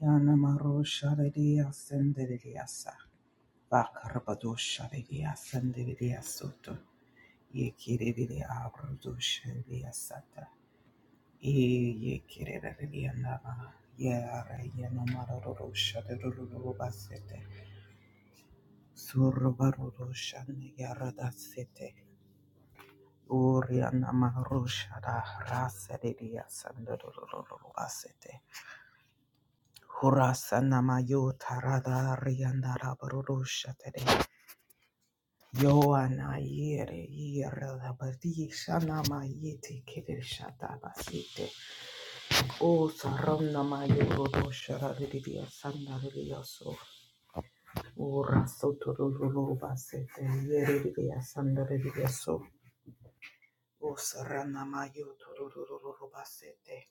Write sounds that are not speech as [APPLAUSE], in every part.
Yana Yanamaro Shadidia Sendidia Sa Bakarabado Shadidia Sendidia Soto Yekiridia Abrudo Shadia Sata E Yekiridia Nama Yara Yanamaro Shaduru Basete Surubaro Shan Yarada Sete Urianamaro Shada Rasadidia Sanduru Basete Hurasa Namayo Tarada Riandara Barurusha Tere Joana yere yere la badi shana ma yete kere shata basite. O sarana ma yoro do shara ridia sanda ridia so. O raso toro basete yere ridia sanda ridia so. O sarana ma yoro toro basete.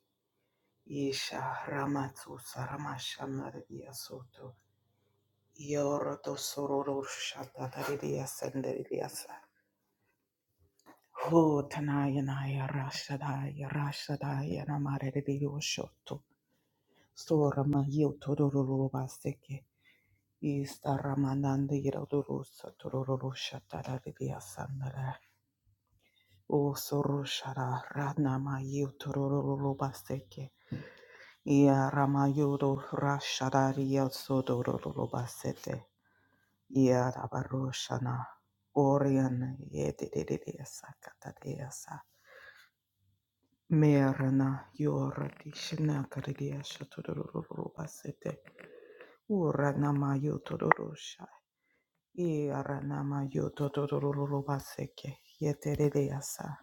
Isha ramatu sarama shana ridia soto. Yoro do sororo shata ridia sanda ridia sa. Oh, Tanayanaya Rashadaya Rashadaya Namarediyoshoto Sorama Yotororoba Seke Ista Ramananda Yirodurusa Tororosha Taradia Sandara O Soroshara Radnama Yotororoba Seke Ia Ramayodo Rashadaria Sodororoba Sete Ia Rabaroshana Orian Yedidia Sakatadia Merana yorati shina karidia shotororo basete. Urana ma yotororosha. Irana ma yotororo baseke. Yeteredeasa.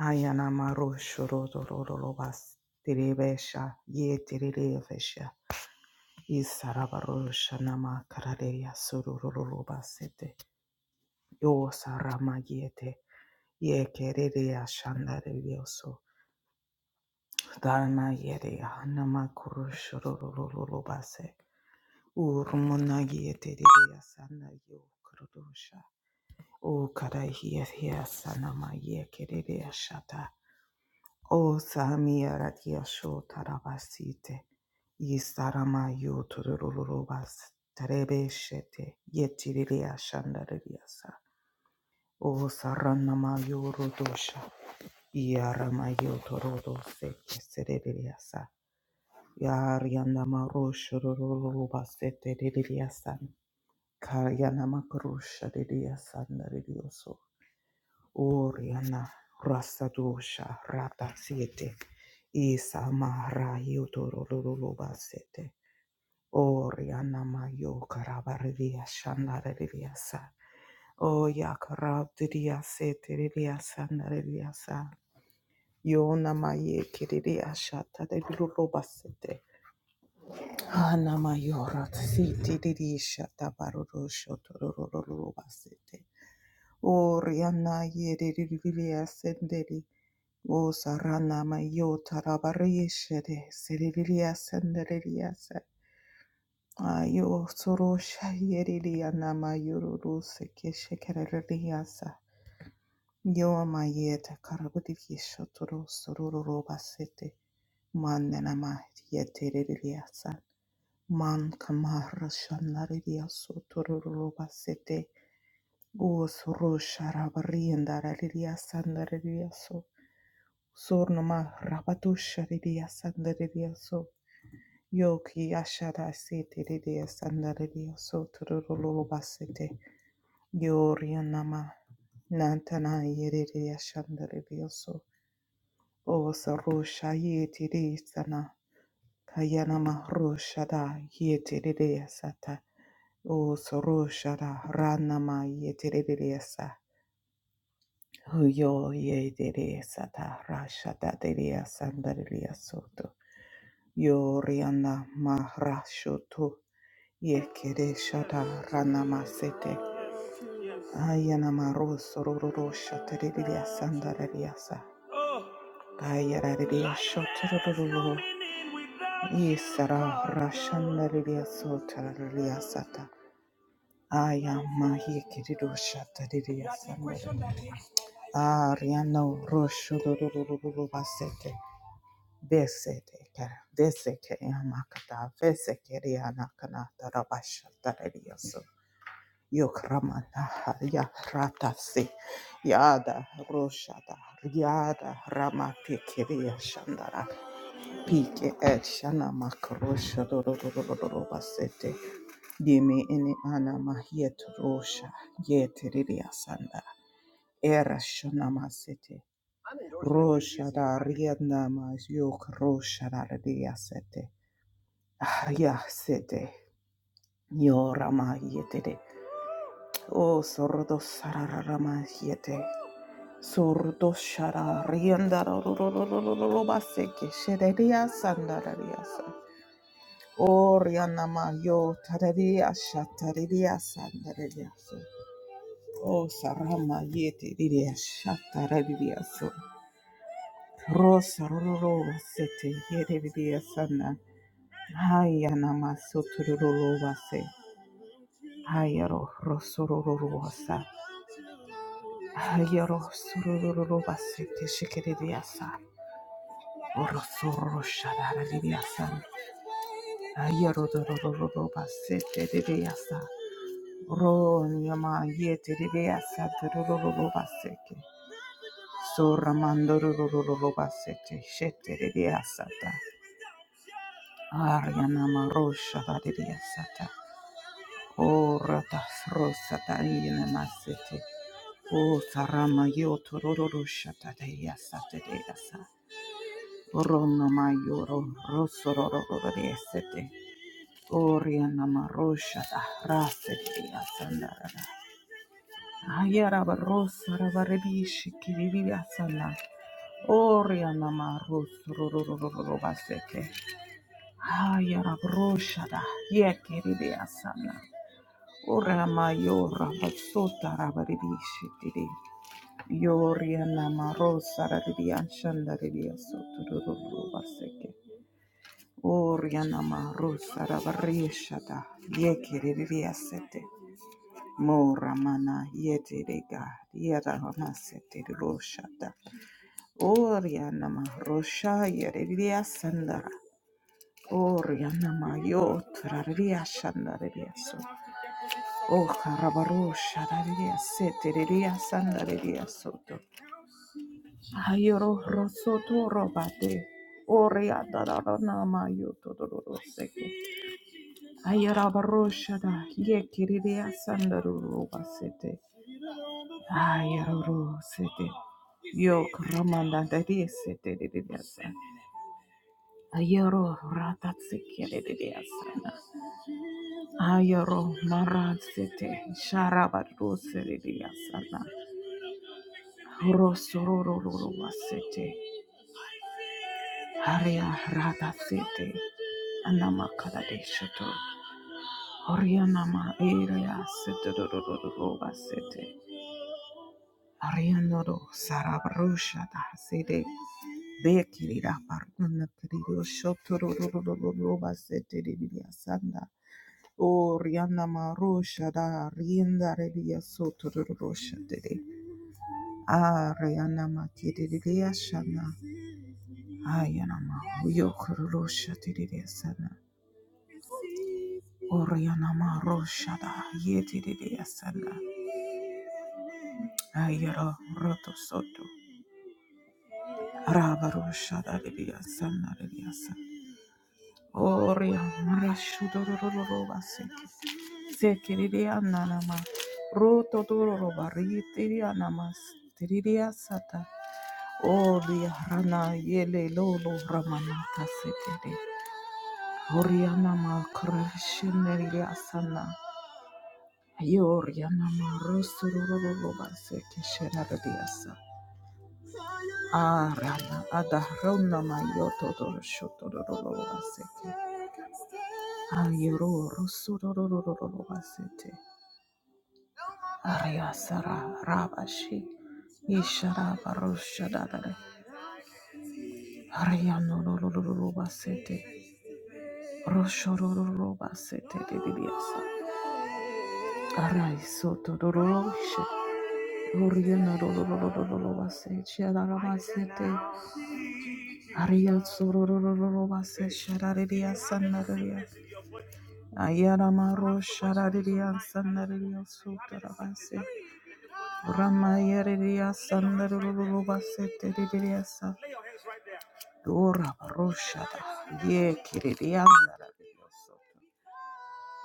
Ayana ma roshotororo bas. Terebesha. Yeterebesha. Isarabarosha nama karadia sororo basete. Yo sarama yete. Yekeredia shandarilioso. Dharma yere hanama kuruşurululu base. Urmuna yete dedi asana yu kuruşa. O kara hiye sanama ye kerede yaşata. O sami yarat yaşo tarabasite. Yistarama yu turululu bas. Terebe şete yetirili yaşandırı sa O saranama yu ruduşa. Yarama yu turudu seke serede sa. Yariana Marusha Ruruba Sete Didiasan Karyana Makrusha Didiasan Didioso Oriana Rasadusha Rata Siete Isa Mahara Yutoro Ruruba Sete Oriana Mayo Karabaridia Shandara Didiasa O Yakarab Didia Sete Didiasan Didiasa Yona Maye Kididia Shata Didiruba Sete Anama yorot siti didi shata baroro shotorororo basete. O riana yede didi ascenderi. O sarana mayo tarabari shere seriri ascenderi asa. Ayo soro shayeri riana mayororo seke shekereri asa. Yo amayete karabudiki shotoro sororo basete. Manena ma yetereri asa. Man kamara shanaridia sotororo basete. Gos rosha rabarienda raridia sandaridia so. Sornoma rabatusha ridia sandaridia so. Yoki ashara sete ridia sandaridia sotororo basete. Yorianama nantana yeridia shandaridia so. O sarusha yetiri sana kayana mahrusha da yetiri sata. O sarusha da rana ma yetiri sa. Yo yetiri sata rasha da diri sandari soto. Yo riana mahrasho tu yekiri shada rana masete. Ayana maroso rorosha tiri sandari sa. Kayara diri Isara Rashanda Lidia Sota Lidia Sata. Aya Mahi Kirido Shata Lidia Sanda. Ariano Rosho Lulu Basete. Besete Kara. Deseke Yamakata. Veseke Riana Kanata Rabashata Lidia So. Yokramana Haria Rata Yada Roshada. Yada Ramate Kiria Shandara. Pike et shana makrosha dororororobasete. Dime ene ana mahiet rosha yete riria sanda. Era shana masete. Rosha da riedna mas yok rosha da riria sete. Ahria sete. Yora ma yete de. O sordo sarara ma yete. Sordo shara rienda rorororobaseke. Shederia sanda riria sanda. Orianama yo tararia shatararia sandararia so. O sarama yete riria shatararia so. Rosa roro sete yere riria sana. Hayanama soturoro vase. Hayaro rosororo vasa. Hayaro sororo vase te shikiriria sa. Orosoro shatararia san. Hayaro dororo vase te riria sa. Ronyama yete ribea satarururu baseke. Soramandurururu basete. Shete ribea sata. Aryanama rosha ribea sata. O ratas rosata yene masete. O sarama yotururu shata dea sata dea sa. Oronoma yoro rosororo sete. Orianama rosha da rasete dea sandarada. Ayara Ayarabarosa rabaribishi kiririasala. Orianama rus rurururubaseke. Ayarabrosha yekiriasana. Orama yora basota rabaribishi tiri. Yorianama rosa radianshanda ribiasotururubaseke. Orianama rosa rabarishada yekiriasete. Mo Ramana Yeti Rega Yada Ramasete Roshata Orianama Rosha Yereria Sandara Orianama Yotra Ria Shandaria So O Karabarosha Ria Sete Ria Sandaria Soto Ayoro Rosoto Robate Oriada Ranama Yotodoro Seke Ayara Barosha Yekiria Sandaru Basete Ayaroro sete. Yo ramanda dadi sete de diasa. Ayaro ratatsiki de diasa. Ayaro narad sete. Sharabadu sete diasa. Rosororo wasete. Haria rata sete. Anama kadadeshato. Orianama area sete do do do do do wasete. Ariandoro sarabrusha da sede bekiri da pardona kirido shotoro roba sete de via sanda o rianda marusha da rienda revia sotoro rosha de a rianda ma kiri de via shana ayana ma yokoro rosha de via sana o rianda ma rosha da yeti de via sana ayero roto soto Rava roshada de via sana Revia Oria marashudorororoba sekiriria nanama rotodororoba ritiria namas tiriria sata oria rana yele lolo ramanata setere oria nama krashineriria sana yoria nama rosurororoba sekesherariria sa arana adahrona mayotodoroshodororoba seki ayoro rosurororoba sete Ariyasara Rabashi Ishara Barushadadare Ariyano Rubasete Roshorodorobasete Didiasa Araisoto Doroshe Oriana Rubase Chiaramasete Ariyasorobase Sharadidia Sanare Ayaramaro Sharadidia Sanaria Sutarabase Ramayaridia Sandarubasete Didiasa Dora Roshada, Ye Kiridianda,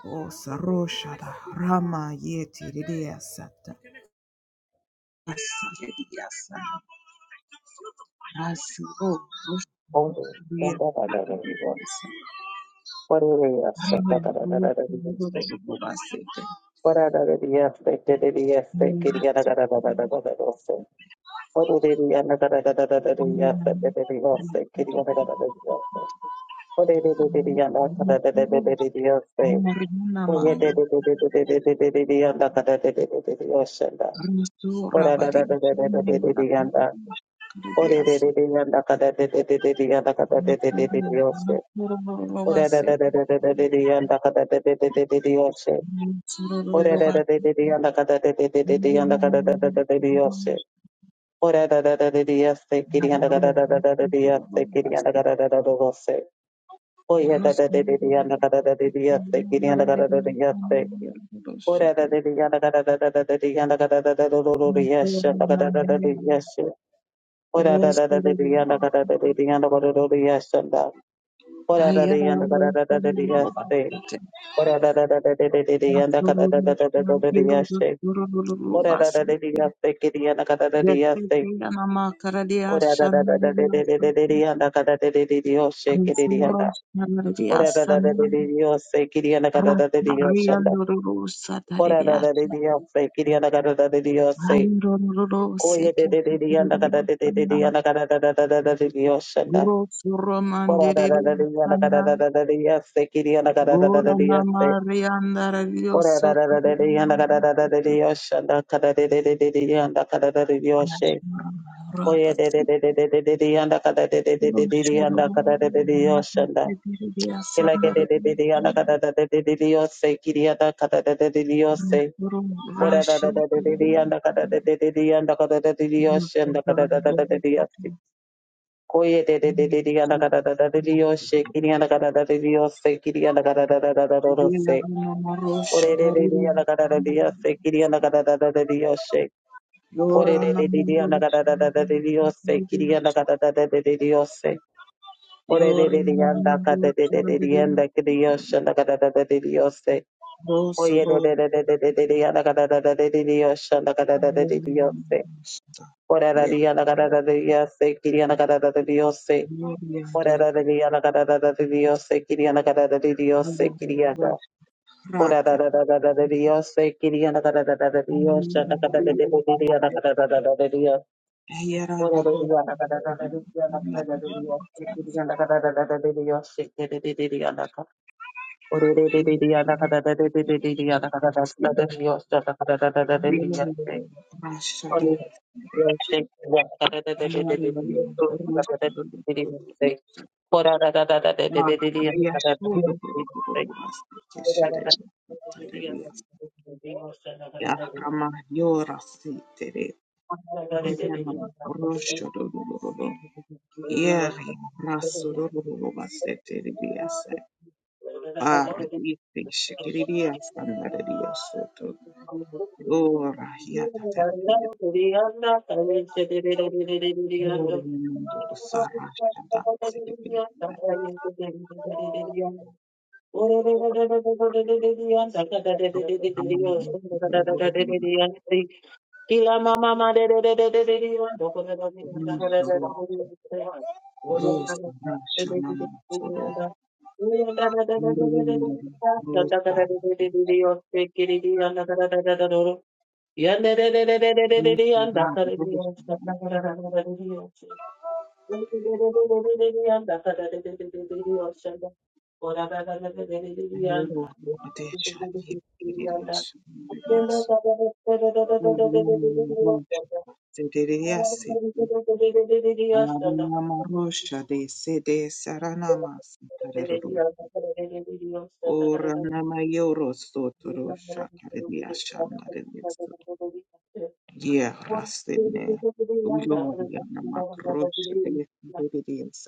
O Saroshada, Rama Ye Tiridia Sata, Asiridia Sana, Asiro, Ora Roshada, I'm Rama Roshada, Muratu, Murana, Mururu, Murunamayo, Rusurabadi, Chanayana, Ora da Rossi, da da da da da da da da da da da da da da da da yoshe. Ora da da da da da da da da da da da da da da da da da yoshe. Ora da da da da da yoshe. Kiri da da da da da da da yoshe. Kiri da da da da da yoshe. Oya da da da da da da da da da yoshe. Kiri da da da da yoshe. Ora da da da da da da da da da da da da da da yoshe. Da da da da da yoshe. Ora da da da da da da da da da da da yoshe. Da. Ora da da da da da da da da yoshe. Ora da da da da da da da da yanda kada da da da da da da da yashe. Ora da da da da yashe kiri yanda kada da da yashe. Gerçekten ama karadiya Ora da da da da da da da şanlarıyla da da da yanda kada da da da da yoshe kiri da yanda. Rosuros Ora da da da da Naradiasana da da yoshe kiri yanda kada da da da yoshe da. Ratnariandurusa Ora da da da Taridiasana da yoshe kiri yanda kada da da da yoshe. Koye da Ayurururuseke da da da yanda kada da da da da Taridiasana yanda kada da da da da da da da yoshe da. Ora da da da da yanda Rosuromandiridiasana kada da da da da yashe kiri yanda kada da da da da yashe. Ora Uranamariandaradiyoso da da da da dee, yanda da da da Taridiasana da da dee, yosha da ka da dee dee dee dee dee, yanda ka da da dee dee, yoshe. Oye dee Rapatsi dee dee dee dee dee dee dee, yanda ka da dee dee dee dee dee dee, yanda Rosurum ka da dee dee dee, Rashi yosha da. Kila Taridiasana ke dee dee dee dee, yanda ka da da dee dee dee dee, yoshe. Kiri yanda ka da da dee dee dee, yoshe. Rosurum Ora da Rashi da da dee dee dee, yanda ka da dee dee dee dee, yanda ka da dee dee dee, yoshe. Yanda ka da da da da dee dee, yoshe. Koye dee dee dee dee dee, yanda ka da da da dee dee, yoshe. Kiri yanda ka da da dee dee, yoshe. Kiri yanda ka da da da da da, Rashada, yoshe. Ore ore ore ore ya nagada da da da diosse kiri ya nagada da da da diosse ore ore ore ore ya nagada da da da diosse kiri ya nagada da da da diosse ore ore ore ore ya nagada da da da diosse kiri ya nagada da da da diosse ore ore ore ore ya nagada da da da diosse kiri ya nagada da da da diosse kiri ya nagada Ora da da da da da da Dios, se quería da da da da da da Dios, ya da da da da da da Dios, da da da da da da Dios. Ora da Dios, da da da da da Dios, da da da da Dios, se quería la da da da da da da Dios, se quería da da da da da. Ora da da da da da da da da da da da Dios, da da da da da Dios, da da da da da da da Dios. Ora Dios, se quería da da da da da da da Dios, da da da da da da Dios. Ora da da da da da da da da Dios, da da da da da Riassume Dios. Yahama Yora Sitere Oriana Rosho Dododo Yeri Rasso Dododo Bassete Ribiase Barra di Pesce che Ribia Standare di Ossoto Ora Hiata Tardina Oriana Dodo Sarrascia Dazze Ribiase Ramana Dodo Dodo Dodo Kila mama ma de de de de de de de do ko de do de do ko de do Dodo ko de do wo ye na na de Rosa de de Rascia de de de Mamma da wo ye da da da da da da da da da da da da de de de de de yo se ki de de ya na da da da da da do ya de de de de de de de de de ya da ka de de ya da na da da da da de de yo Thank you. Oh,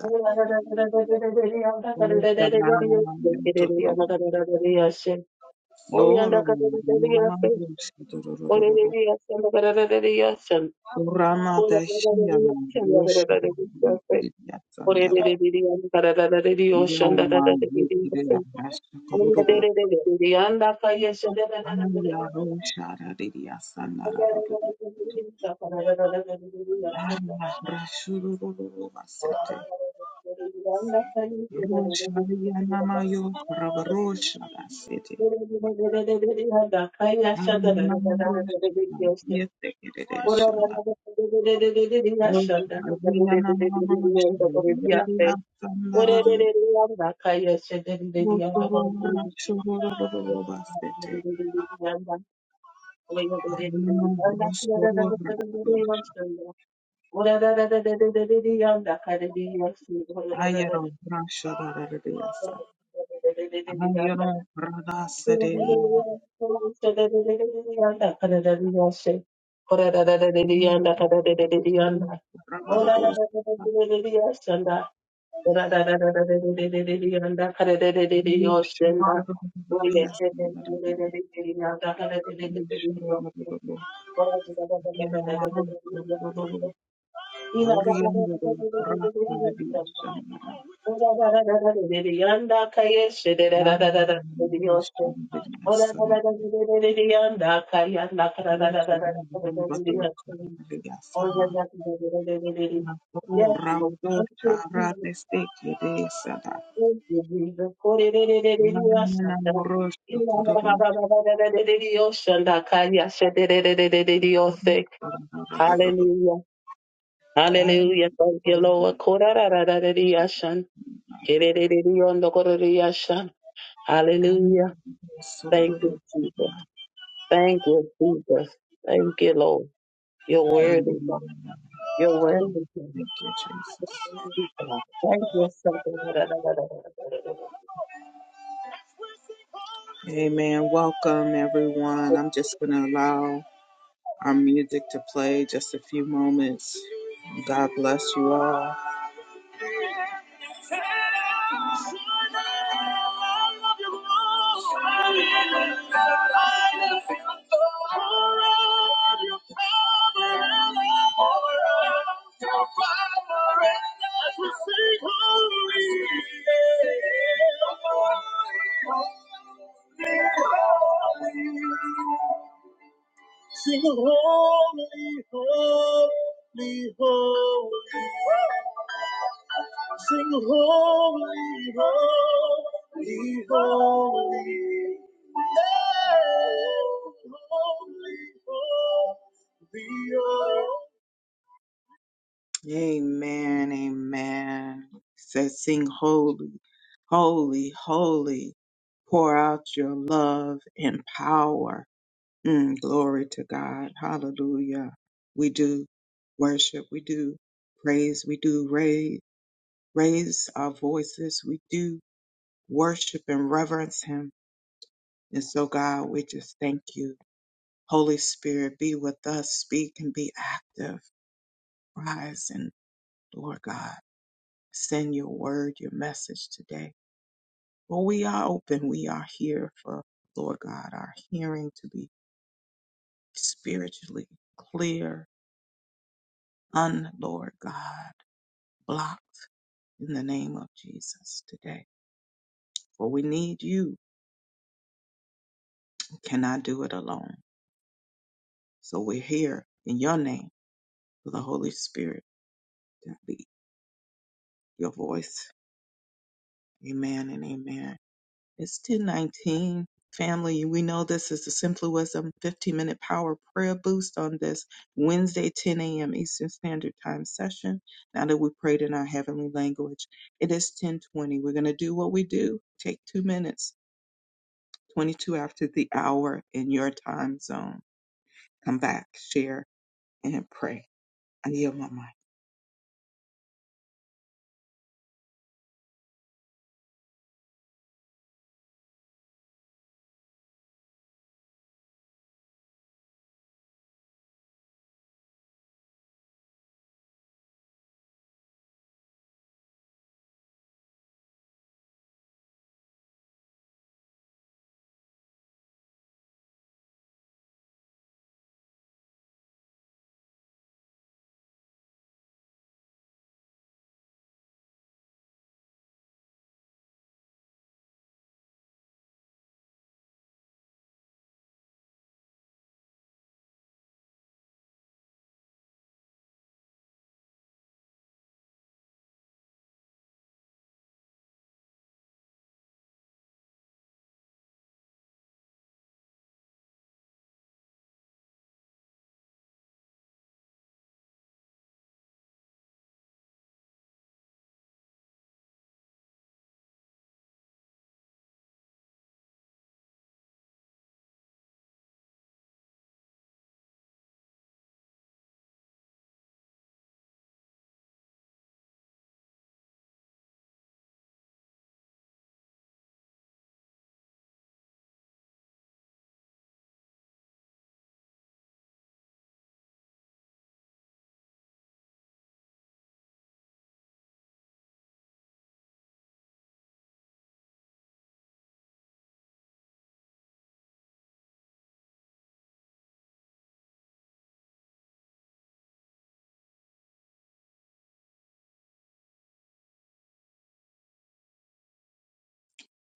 Lolo Rama Roshi Dororo Rama Dashia Roshi Yatsandara Yoma Yekira Rasha Kururu Aya Rosha Radidia Sandara Rama Rashuru Vasete Rosha Yanama Yo Ravarosha Vasete Ora Yanama Rosha Yetekireshana Rosha Yanama Rosha Yatsandara Rosorora, sorororororo, basete. Arno, rosorora, do. Ayero, brasha, da, da, da, da, sa. Ayero, brada, se, Yanda de, de, ya. Ro, brava, da, do, sa. Ro, sho, da, da, da, da, da, ya, sa, da, da, da, da. Ro, sho, ro, da, da, da, da. Ya, ro, Yes, Lord. Thank Thank you, you, Jesus. Thank you, Jesus. Hallelujah. Hallelujah. Thank you, Lord. Hallelujah. Jesus. Thank you, Jesus. Thank you, Jesus. Thank you, Lord. You're worthy, God. You're worthy, God. Worthy, God. Thank you, something. Amen. Welcome, everyone. I'm just going to allow our music to play just a few moments. God bless you all. Holy, holy, holy. Sing holy, holy, holy. Sing holy, holy, holy. Holy, holy, holy. Amen, amen. It Says sing holy, holy, holy. Pour out your love and power. Mm, glory to God. Hallelujah. We do worship. We do praise. We do raise, raise our voices. We do worship and reverence Him. And so, God, we just thank you. Holy Spirit, be with us. Speak and be active. Rise and, Lord God, send your word, your message today. Well, we are open. We are here for, Lord God, our hearing to be spiritually clear, un, Lord God. blocked in the name of Jesus today. For we need you. We cannot do it alone. So we're here in your name for the Holy Spirit to be your voice. Amen and amen. It's 1019. Family, we know this is the Simply Wisdom 15 minute power prayer boost on this Wednesday, 10 a.m. Eastern Standard Time session. Now that we prayed in our heavenly language, it is 1020. We're going to do what we do. Take two minutes 22 after the hour in your time zone. Come back, share, and pray. I yield my mic.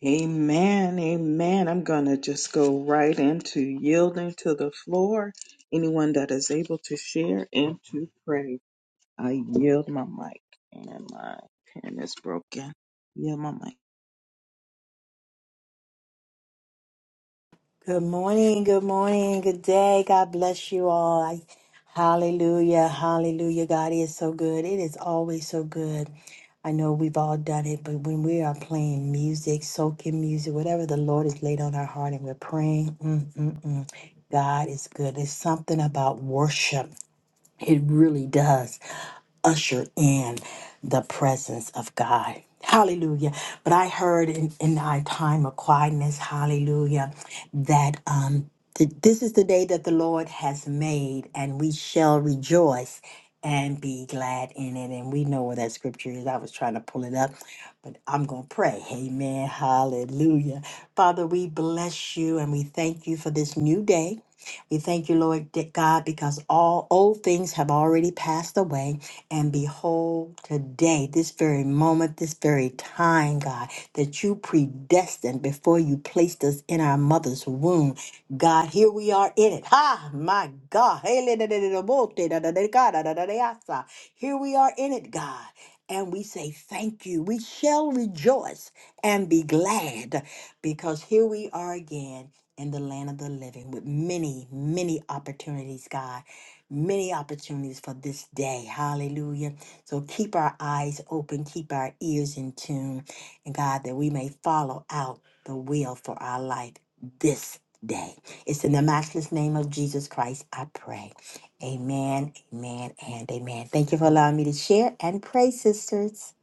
Amen. Amen. I'm going to just go right into yielding to the floor. Anyone that is able to share and to pray, I yield my mic. And my pen is broken. Yield my mic. Good morning, good morning, good day. God bless you all. I, hallelujah, hallelujah. God is so good. It is always so good. I know we've all done it, but when we are playing music, soaking music, whatever the Lord has laid on our heart and we're praying, mm, mm, mm, God is good. There's something about worship. It really does usher in the presence of God. Hallelujah. But I heard in, in our time of quietness, hallelujah, that um, th- this is the day that the Lord has made, and we shall rejoice and be glad in it. And we know where that scripture is. I was trying to pull it up, but I'm going to pray. Amen. Hallelujah. Father, we bless you and we thank you for this new day. We thank you, Lord God, because all old things have already passed away. And behold, today, this very moment, this very time, God, that you predestined before you placed us in our mother's womb. God, here we are in it. Ha, my God. Here we are in it, God. And we say, Thank you. We shall rejoice and be glad because here we are again in the land of the living with many, many opportunities, God. Many opportunities for this day. Hallelujah. So keep our eyes open, keep our ears in tune, and God, that we may follow out the will for our life this day. It's in the matchless name of Jesus Christ, I pray. Amen, amen, and amen. Thank you for allowing me to share and pray, sisters.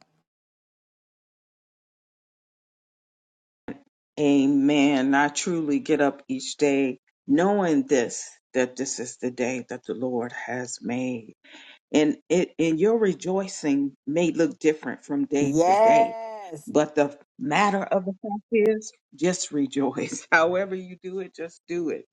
Amen. I truly get up each day knowing this, that this is the day that the Lord has made and it and your rejoicing may look different from day to day Yes. but the matter of the fact is just rejoice [LAUGHS] however you do it just do it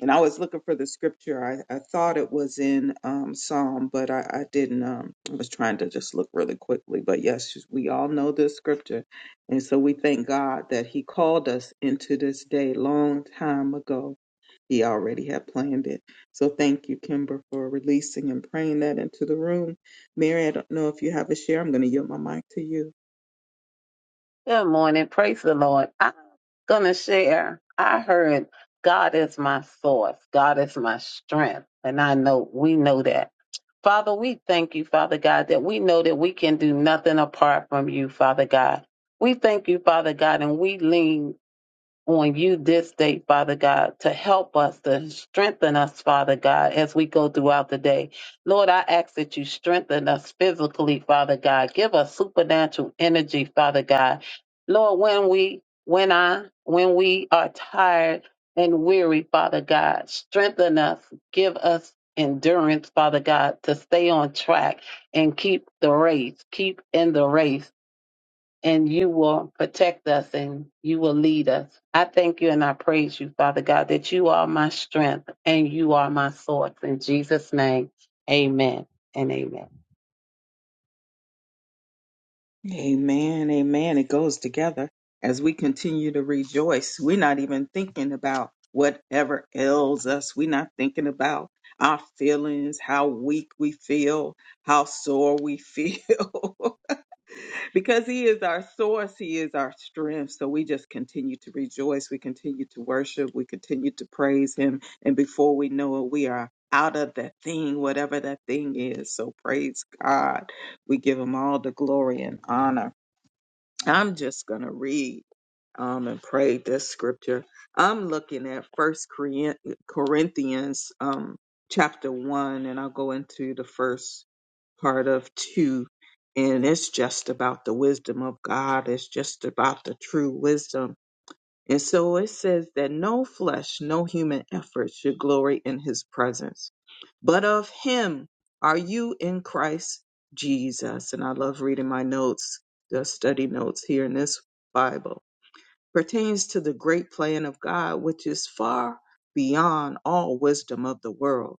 and i was looking for the scripture i, I thought it was in um psalm but i, I didn't um i was trying to just look really quickly but yes we all know this scripture and so we thank god that he called us into this day long time ago he already had planned it. So thank you, Kimber, for releasing and praying that into the room. Mary, I don't know if you have a share. I'm going to yield my mic to you. Good morning. Praise the Lord. I'm going to share. I heard God is my source, God is my strength. And I know we know that. Father, we thank you, Father God, that we know that we can do nothing apart from you, Father God. We thank you, Father God, and we lean on you this day, Father God, to help us, to strengthen us, Father God, as we go throughout the day. Lord, I ask that you strengthen us physically, Father God. Give us supernatural energy, Father God. Lord, when we, when I, when we are tired and weary, Father God, strengthen us, give us endurance, Father God, to stay on track and keep the race, keep in the race and you will protect us and you will lead us. I thank you and I praise you, Father God, that you are my strength and you are my source. In Jesus' name, amen and amen. Amen. Amen. It goes together as we continue to rejoice. We're not even thinking about whatever ails us. We're not thinking about our feelings, how weak we feel, how sore we feel. [LAUGHS] because he is our source he is our strength so we just continue to rejoice we continue to worship we continue to praise him and before we know it we are out of that thing whatever that thing is so praise god we give him all the glory and honor I'm just going to read um, and pray this scripture. I'm looking at First Corin- Corinthians um, chapter one, and I'll go into the first part of two, and it's just about the wisdom of God. It's just about the true wisdom and so it says that no flesh, no human effort should glory in his presence. But of him are you in Christ Jesus. And I love reading my notes, the study notes here in this Bible pertains to the great plan of God, which is far beyond all wisdom of the world.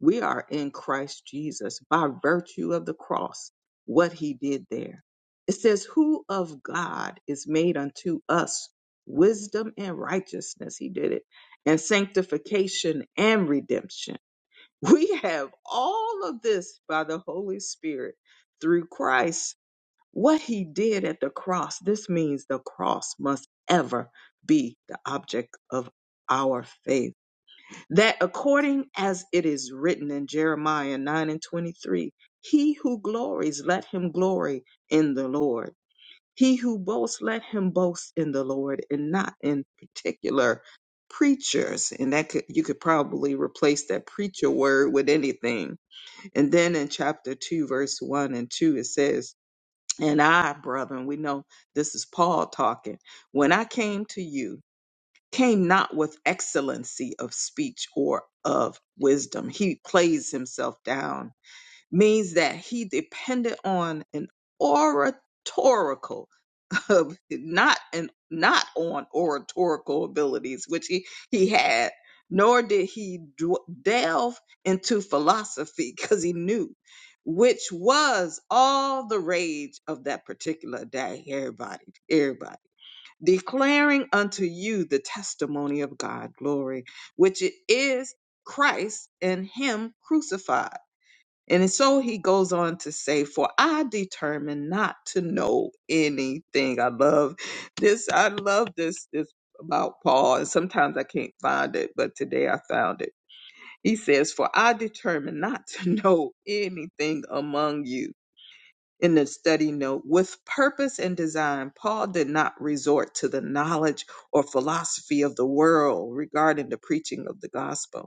We are in Christ Jesus by virtue of the cross, what he did there. It says, Who of God is made unto us wisdom and righteousness? He did it, and sanctification and redemption. [LAUGHS] We have all of this by the Holy Spirit through Christ what he did at the cross, this means the cross must ever be the object of our faith. That according as it is written in Jeremiah 9 and 23, he who glories, let him glory in the Lord. He who boasts, let him boast in the Lord and not in particular preachers. And that could, you could probably replace that preacher word with anything. And then in chapter 2, verse 1 and 2, it says, and I, brethren, we know this is Paul talking. When I came to you, came not with excellency of speech or of wisdom. He plays himself down, means that he depended on an oratorical of not and not on oratorical abilities, which he he had, nor did he dw- delve into philosophy because he knew, which was all the rage of that particular day. Everybody, everybody declaring unto you the testimony of God glory, which it is Christ and Him crucified. And so he goes on to say, For I determined not to know anything. I love this. I love this this about Paul. And sometimes I can't find it, but today I found it. He says, For I determined not to [LAUGHS] know anything among you. In the study note, with purpose and design, Paul did not resort to the knowledge or philosophy of the world regarding the preaching of the gospel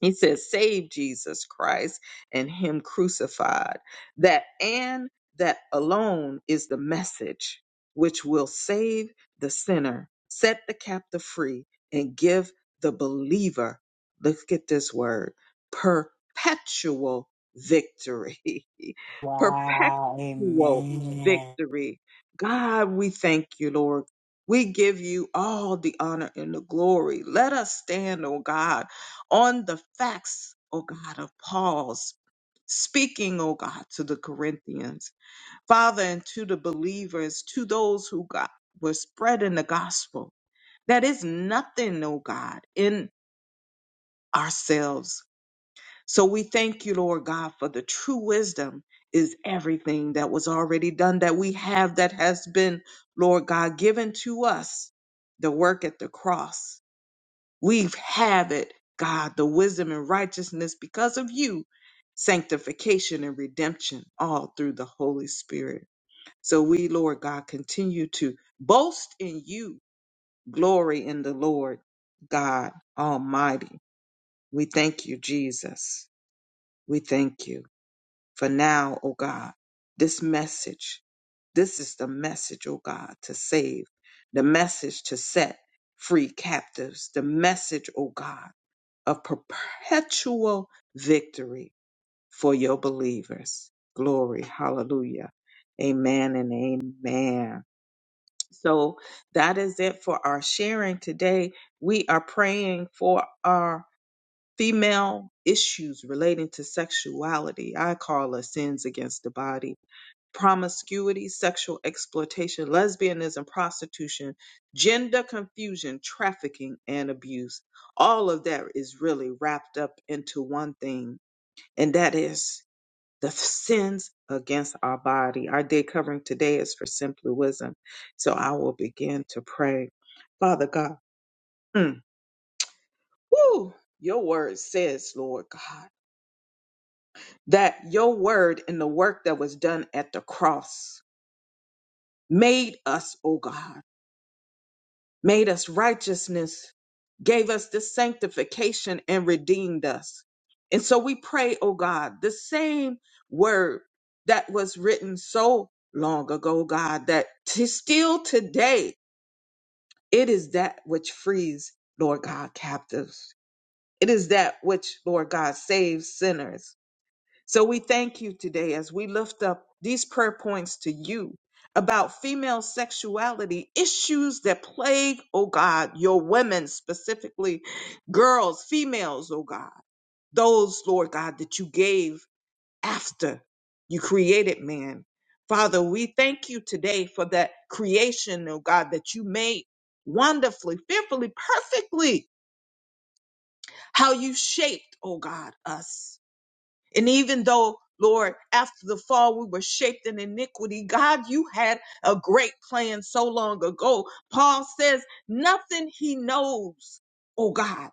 he says save jesus christ and him crucified that and that alone is the message which will save the sinner set the captive free and give the believer let's get this word perpetual victory [LAUGHS] Wow. perpetual Amen. victory god we thank you lord we give you all the honor and the glory. Let us stand, oh God, on the facts, O God, of Paul's speaking, O God, to the Corinthians, Father, and to the believers, to those who God were spreading the gospel. That is nothing, O God, in ourselves. So we thank you, Lord God, for the true wisdom is everything that was already done that we have that has been, Lord God, given to us, the work at the cross. We've have it, God, the wisdom and righteousness because of you, sanctification and redemption, all through the Holy Spirit. So we, Lord God, continue to boast in you, glory in the Lord God Almighty. We thank you, Jesus. We thank you for now, O God, this message. This is the message, O God, to save, the message to set free captives, the message, O God of perpetual victory for your believers. Glory. Hallelujah. Amen and amen. So that is it for our sharing today. We are praying for our female issues relating to sexuality. I call us sins against the body promiscuity, sexual exploitation, lesbianism, prostitution, gender confusion, trafficking, and abuse. All of that is really wrapped up into one thing, and that is the sins against our body. Our day covering today is for simply wisdom. So I will begin to pray. Father God, mm, woo, your word says, Lord God, that your word and the work that was done at the cross made us, oh God. made us righteousness, gave us the sanctification, and redeemed us. And so we pray, oh God, the same word that was written so long ago, God, that to still today, it is that which frees, Lord God, captives. It is that which, Lord God, saves sinners. So we thank you today as we lift up these prayer points to you about female sexuality, issues that plague, oh God, your women specifically, girls, females, oh God, those, Lord God, that you gave after you created man. Father, we thank you today for that creation, oh God, that you made wonderfully, fearfully, perfectly, how you shaped, oh God, us and even though, Lord, after the fall we were shaped in iniquity, God, you had a great plan so long ago. Paul says, nothing he knows, oh God,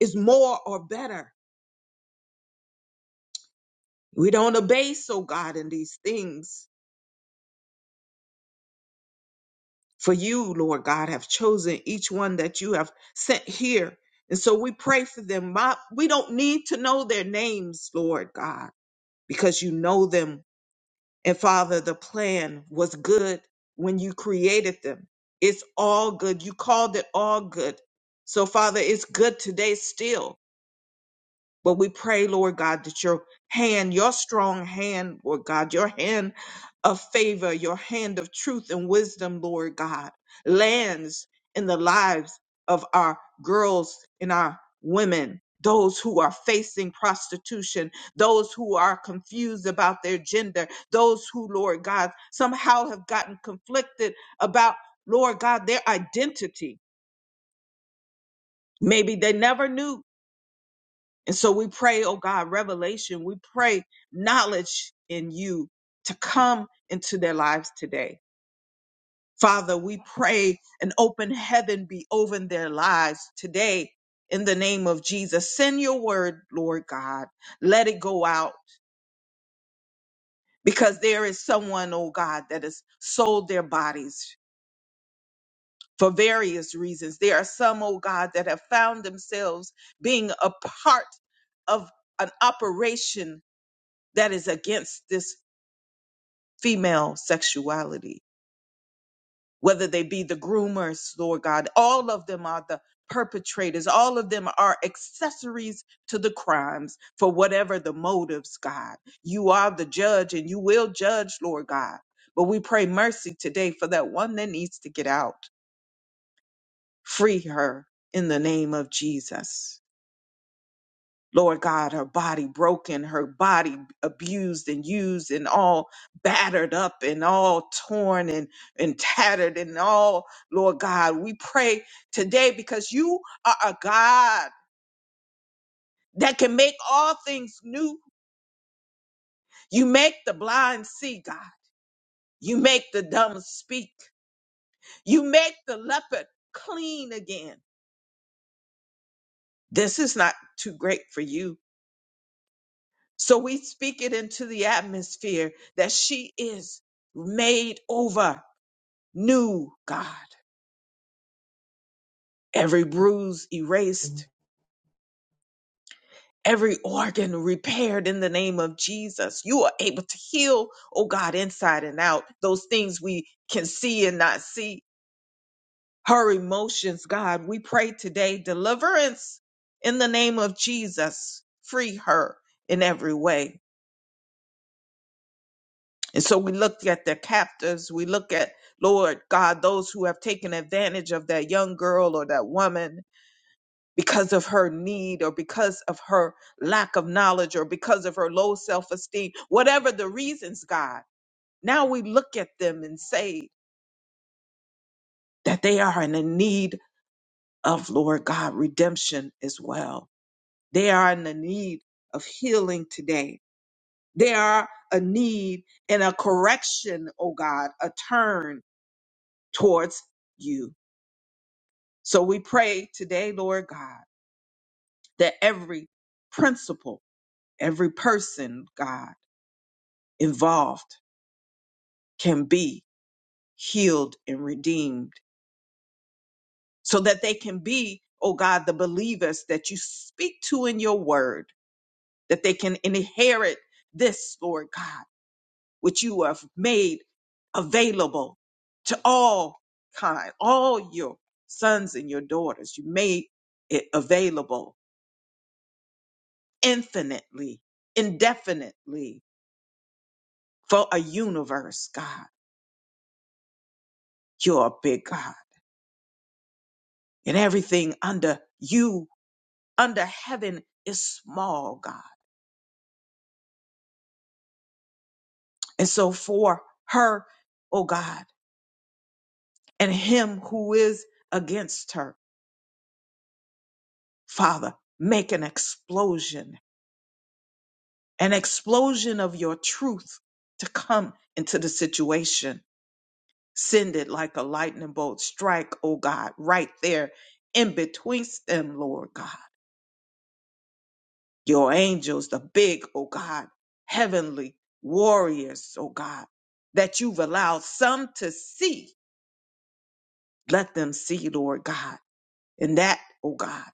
is more or better. We don't obey, so God, in these things. For you, Lord God, have chosen each one that you have sent here. And so we pray for them. My- We don't need to know their names, Lord God, because you know them And Father, the plan was good when you created them. It's all good. You called it all good. So, Father, it's good today still but we pray, Lord God, that your hand, your strong hand, Lord God, your hand of favor, your hand of truth and wisdom, Lord God, lands in the lives of our girls and our women. Those who are facing prostitution, those who are confused about their gender, those who, Lord God, somehow have gotten conflicted about, Lord God, their identity. Maybe they never knew and so we pray, oh God, revelation. We pray knowledge in you to come into their lives today. Father, we pray an open heaven be over their lives today in the name of Jesus. Send your word, Lord God. Let it go out because there is someone, oh God, that has sold their bodies for various reasons. There are some, oh God, that have found themselves being a part of an operation that is against this female sexuality, whether they be the groomers, Lord God, all of them are the perpetrators, all of them are accessories to the crimes for whatever the motives, God. You are the judge and you will judge, Lord God. But we pray mercy today for that one that needs to get out. Free her in the name of Jesus. Lord God, her body broken, her body abused and used and all battered up and all torn and, and tattered and all, Lord God, we pray today because you are a God that can make all things new. You make the blind see, God. You make the dumb speak. You make the leopard clean again. This is not too great for you. So we speak it into the atmosphere that she is made over. new, God. Every bruise erased, every organ repaired in the name of Jesus. You are able to heal, oh God, inside and out, those things we can see and not see. Her emotions, God, we pray today deliverance in the name of Jesus. Free her in every way. And so we look at the captives. We look at, Lord God, those who have taken advantage of that young girl or that woman because of her need or because of her lack of knowledge or because of her low self esteem, whatever the reasons, God. Now we look at them and say that they are in the need of, Lord God, redemption as well. They are in the need of healing today. They are a need and a correction, oh God, a turn towards you. So we pray today, Lord God, that every principle, every person, God, involved can be healed and redeemed so that they can be, oh God, the believers that you speak to in your word, that they can inherit this, Lord God, which you have made available to all kind, all your sons and your daughters. You made it available infinitely, indefinitely for a universe, God. You're a big God and everything under you under heaven is small, God. And so for her, oh God, and him who is against her, Father, make an explosion, an explosion of your truth to come into the situation. Send it like a lightning bolt. Strike, oh God, right there in betwixt them, Lord God. Your angels, the big, oh God, heavenly warriors, oh God, that you've allowed some to see Let them see, Lord God. And that, oh God,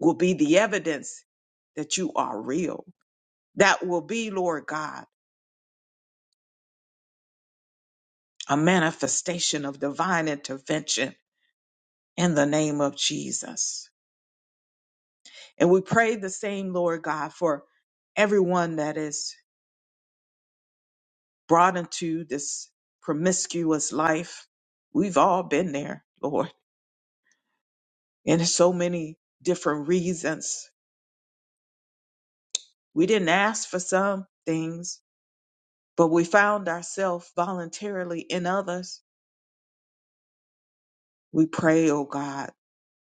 will be the evidence that you are real. That will be, Lord God, a manifestation of divine intervention in the name of Jesus. And we pray the same, Lord God, for everyone that is brought into this promiscuous life. We've all been there, Lord, and so many different reasons. We didn't ask for some things, but we found ourselves voluntarily in others. We pray, oh God,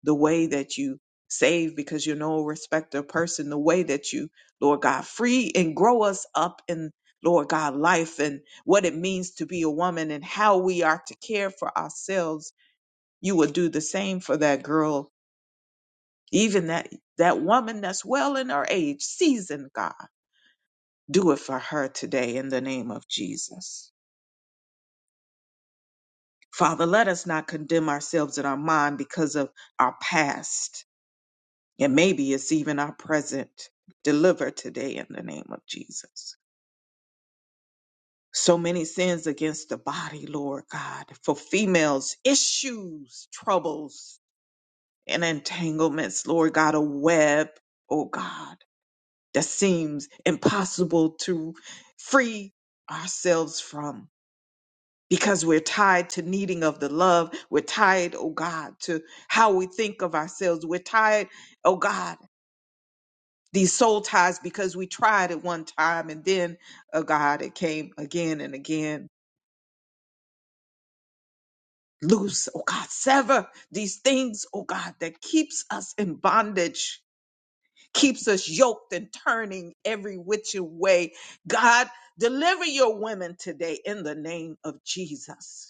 the way that you save because you're no respecter of person, the way that you, Lord God, free and grow us up in, Lord God, life and what it means to be a woman and how we are to care for ourselves. You will do the same for that girl, even that that woman that's well in her age, seasoned God. Do it for her today in the name of Jesus. Father, let us not condemn ourselves in our mind because of our past, and maybe it's even our present. Deliver today in the name of Jesus. So many sins against the body, Lord God, for females, issues, troubles, and entanglements, Lord God, a web, oh God, that seems impossible to free ourselves from. because we're tied to needing of the love. We're tied, oh God, to how we think of ourselves. We're tied, oh God, these soul ties because we tried at one time and then, oh God, it came again and again. Loose, oh God, sever these things, oh God, that keeps us in bondage, keeps us yoked and turning every which way. God, deliver your women today in the name of Jesus.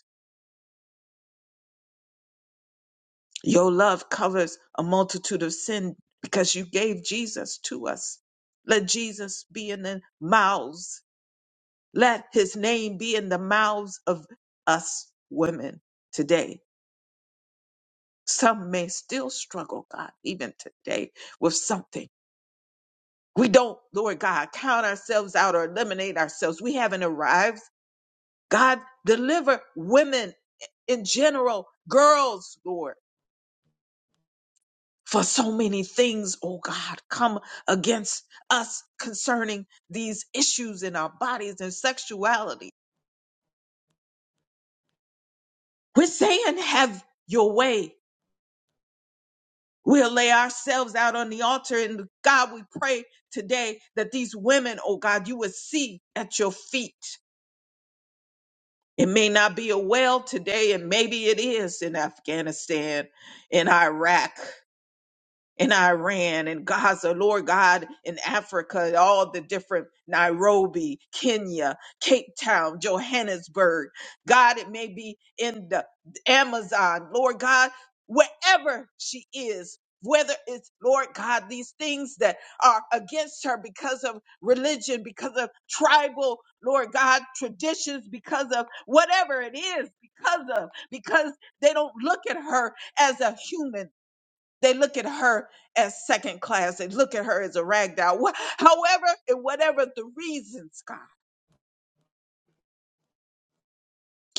Your love covers a multitude of sin because you gave Jesus to us. Let Jesus be in the mouths. Let his name be in the mouths of us women today. Some may still struggle, God, even today with something. We don't, Lord God, count ourselves out or eliminate ourselves. We haven't arrived. God, deliver women in general, girls, Lord for so many things, oh God, come against us concerning these issues in our bodies and sexuality. We're saying, have your way. We'll lay ourselves out on the altar. And God, we pray today that these women, oh God, you would see at your feet. It may not be a well today, and maybe it is in Afghanistan, in Iraq. in Iran and Gaza, Lord God, in Africa, all the different Nairobi, Kenya, Cape Town, Johannesburg. God, it may be in the Amazon, Lord God, wherever she is. Whether it's, Lord God, these things that are against her because of religion, because of tribal, Lord God, traditions, because of whatever it is, because of, because they don't look at her as a human they look at her as second class. They look at her as a rag doll. Wha- However, and whatever the reasons, God,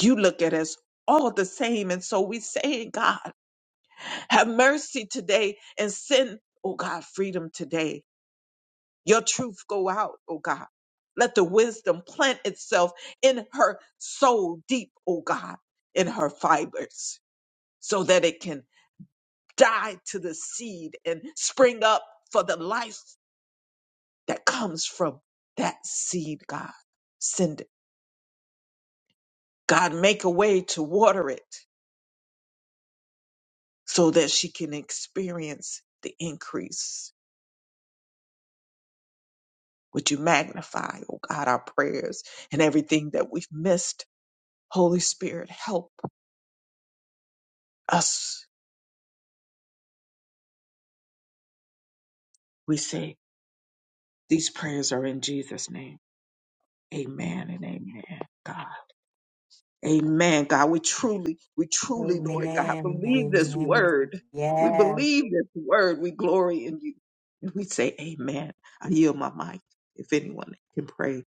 you look at us all the same. And so we say, God, have mercy today and send, oh God, freedom today. Your truth go out, oh God. Let the wisdom plant itself in her soul deep, oh God, in her fibers, so that it can die to the seed and spring up for the life that comes from that seed, God. Send it. God, make a way to water it so that she can experience the increase. Would you magnify, oh God, our prayers and everything that we've missed? Holy Spirit, help us. We say these prayers are in Jesus' name. Amen and amen, God. Amen, God. We truly, we truly, Lord God, Amen. believe this Amen. word. We Yes. believe this word. We glory in you. And we say, Amen. I yield my mic if anyone can pray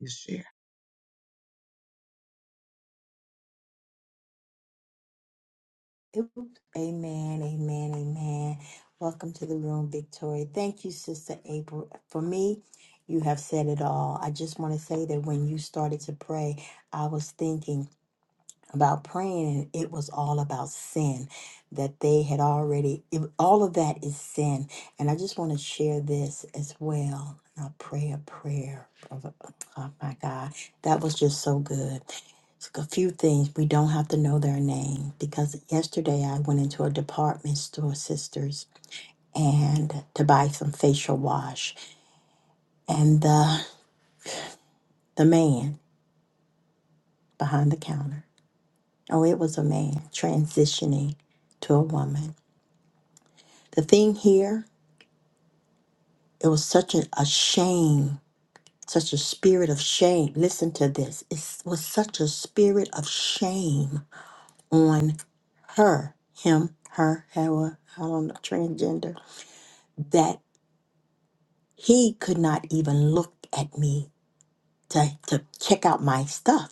and share. Oops. Amen. Amen. Amen. Welcome to the room, Victoria. Thank you, Sister April. For me, you have said it all. I just want to say that when you started to pray, I was thinking. about praying and it was all about sin that they had already it, all of that is sin and i just want to share this as well i will pray a prayer of a- oh my god that was just so good It's a few things we don't have to know their name because yesterday i went into a department store sisters and to buy some facial wash and the the man behind the counter oh it was a man transitioning to a woman The thing here, it was such a, a shame, such a spirit of shame. Listen to this. It was such a spirit of shame on her, him, her, however, I don't know, transgender, that he could not even look at me to, to check out my stuff.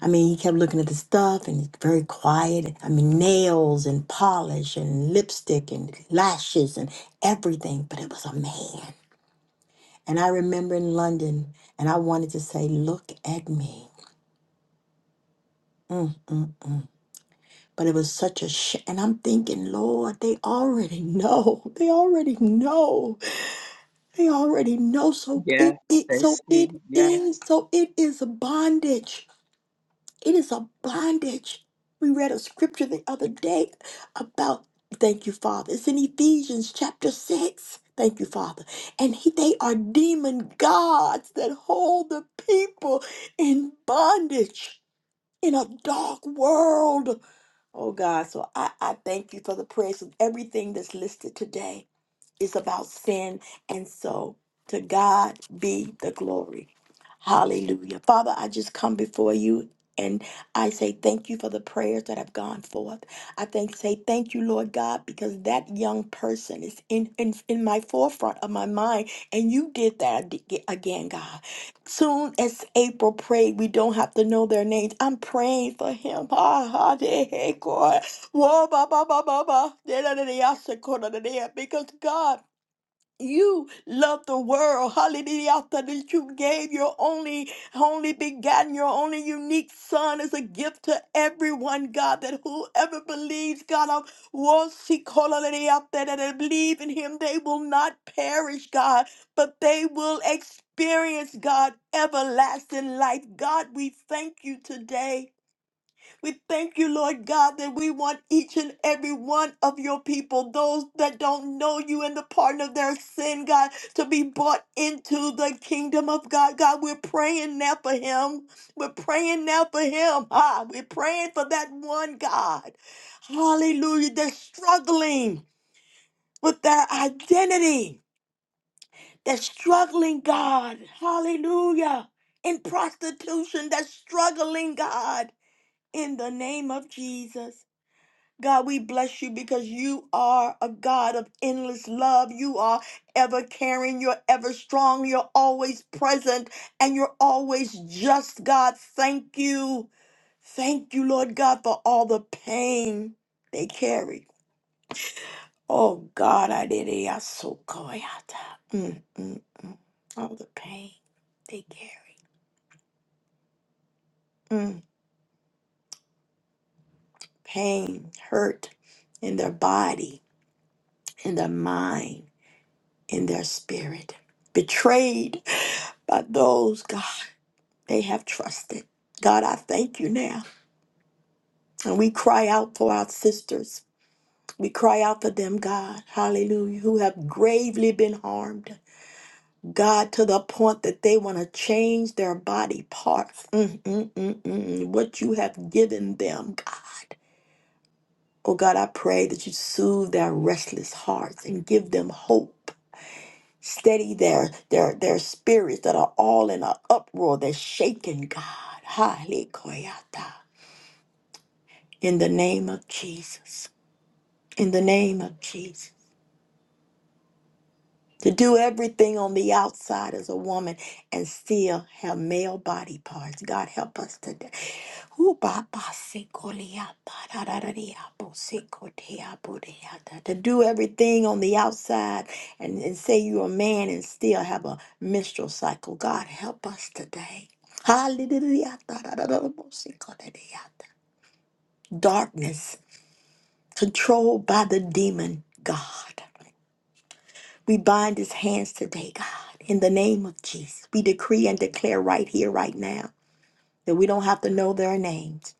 I mean, he kept looking at the stuff and he's very quiet. I mean, nails and polish and lipstick and lashes and everything, but it was a man. And I remember in London, and I wanted to say, Look at me. Mm, mm, mm. But it was such a sh. And I'm thinking, Lord, they already know. They already know. They already know. So it, Yes, it they so see. it Yeah, is so it is a bondage. It is a bondage. We read a scripture the other day about, thank you, Father. It's in Ephesians chapter 6. Thank you, Father. And he, they are demon gods that hold the people in bondage in a dark world. Oh, God. So I, I thank you for the prayers of everything that's listed today. It's about sin. And so to God be the glory. Hallelujah. Father, I just come before you and I say thank you for the prayers that have gone forth. I thank say thank you, Lord God, because that young person is in, in in my forefront of my mind, and you did that ag- again, God. Soon as April prayed, we don't have to know their names. I'm praying for him. [LAUGHS] Whoa, ba, ba, ba, ba, ba. Da, da, da, da, ya, sa, ko, da, da, da, ya. Because God, you love the world. Hallelujah. That you gave your only, only begotten, your only unique son as a gift to everyone, God. That whoever believes, God, of was he called da, da, da, ya, da, da, believe in him, they will not perish, God, but they will experience, God, everlasting life. God, we thank you today. We thank you, Lord God, that we want each and every one of your people, those that don't know you and the pardon of their sin, God, to be brought into the kingdom of God. God, we're praying now for him. We're praying now for him. Ah, we're praying for that one God. Hallelujah. They're struggling with their identity. They're struggling, God. Hallelujah. In prostitution, they're struggling, God. In the name of Jesus. God, we bless you because you are a God of endless love. You are ever caring. You're ever strong. You're always present and you're always just, God. Thank you. Thank you, Lord God, for all the pain they carry. Oh, God, I did it. I so coy. out. Mm, mm, mm. All the pain they carry. Mm. Pain, hurt in their body, in their mind in their spirit, betrayed by those, God, they have trusted. God, I thank you now. And we cry out for our sisters. We cry out for them, God, hallelujah, who have gravely been harmed, God, to the point that they want to change their body parts. Mm, mm, mm, mm, mm. What you have given them, God. Oh, God, I pray that you soothe their restless hearts and give them hope steady their their their spirits that are all in an uproar they're shaken god Hallelujah. in the name of jesus in the name of jesus to do everything on the outside as a woman and still have male body parts. God help us today. Ooh, ba, ba, se, ko, li, ya, ba, da, da, da, dee, ya, bo, se, ko, te, ya, bo, de, ya, da. To do everything on the outside and, and say you're a man and still have a menstrual cycle. God help us today. Hallelujah. Da, da, da, da, da, bo, se, ko, de, de, ya, da. Darkness controlled by the demon God. We bind his hands today, God, in the name of Jesus. We decree and declare right here, right now, that we don't have to know their names,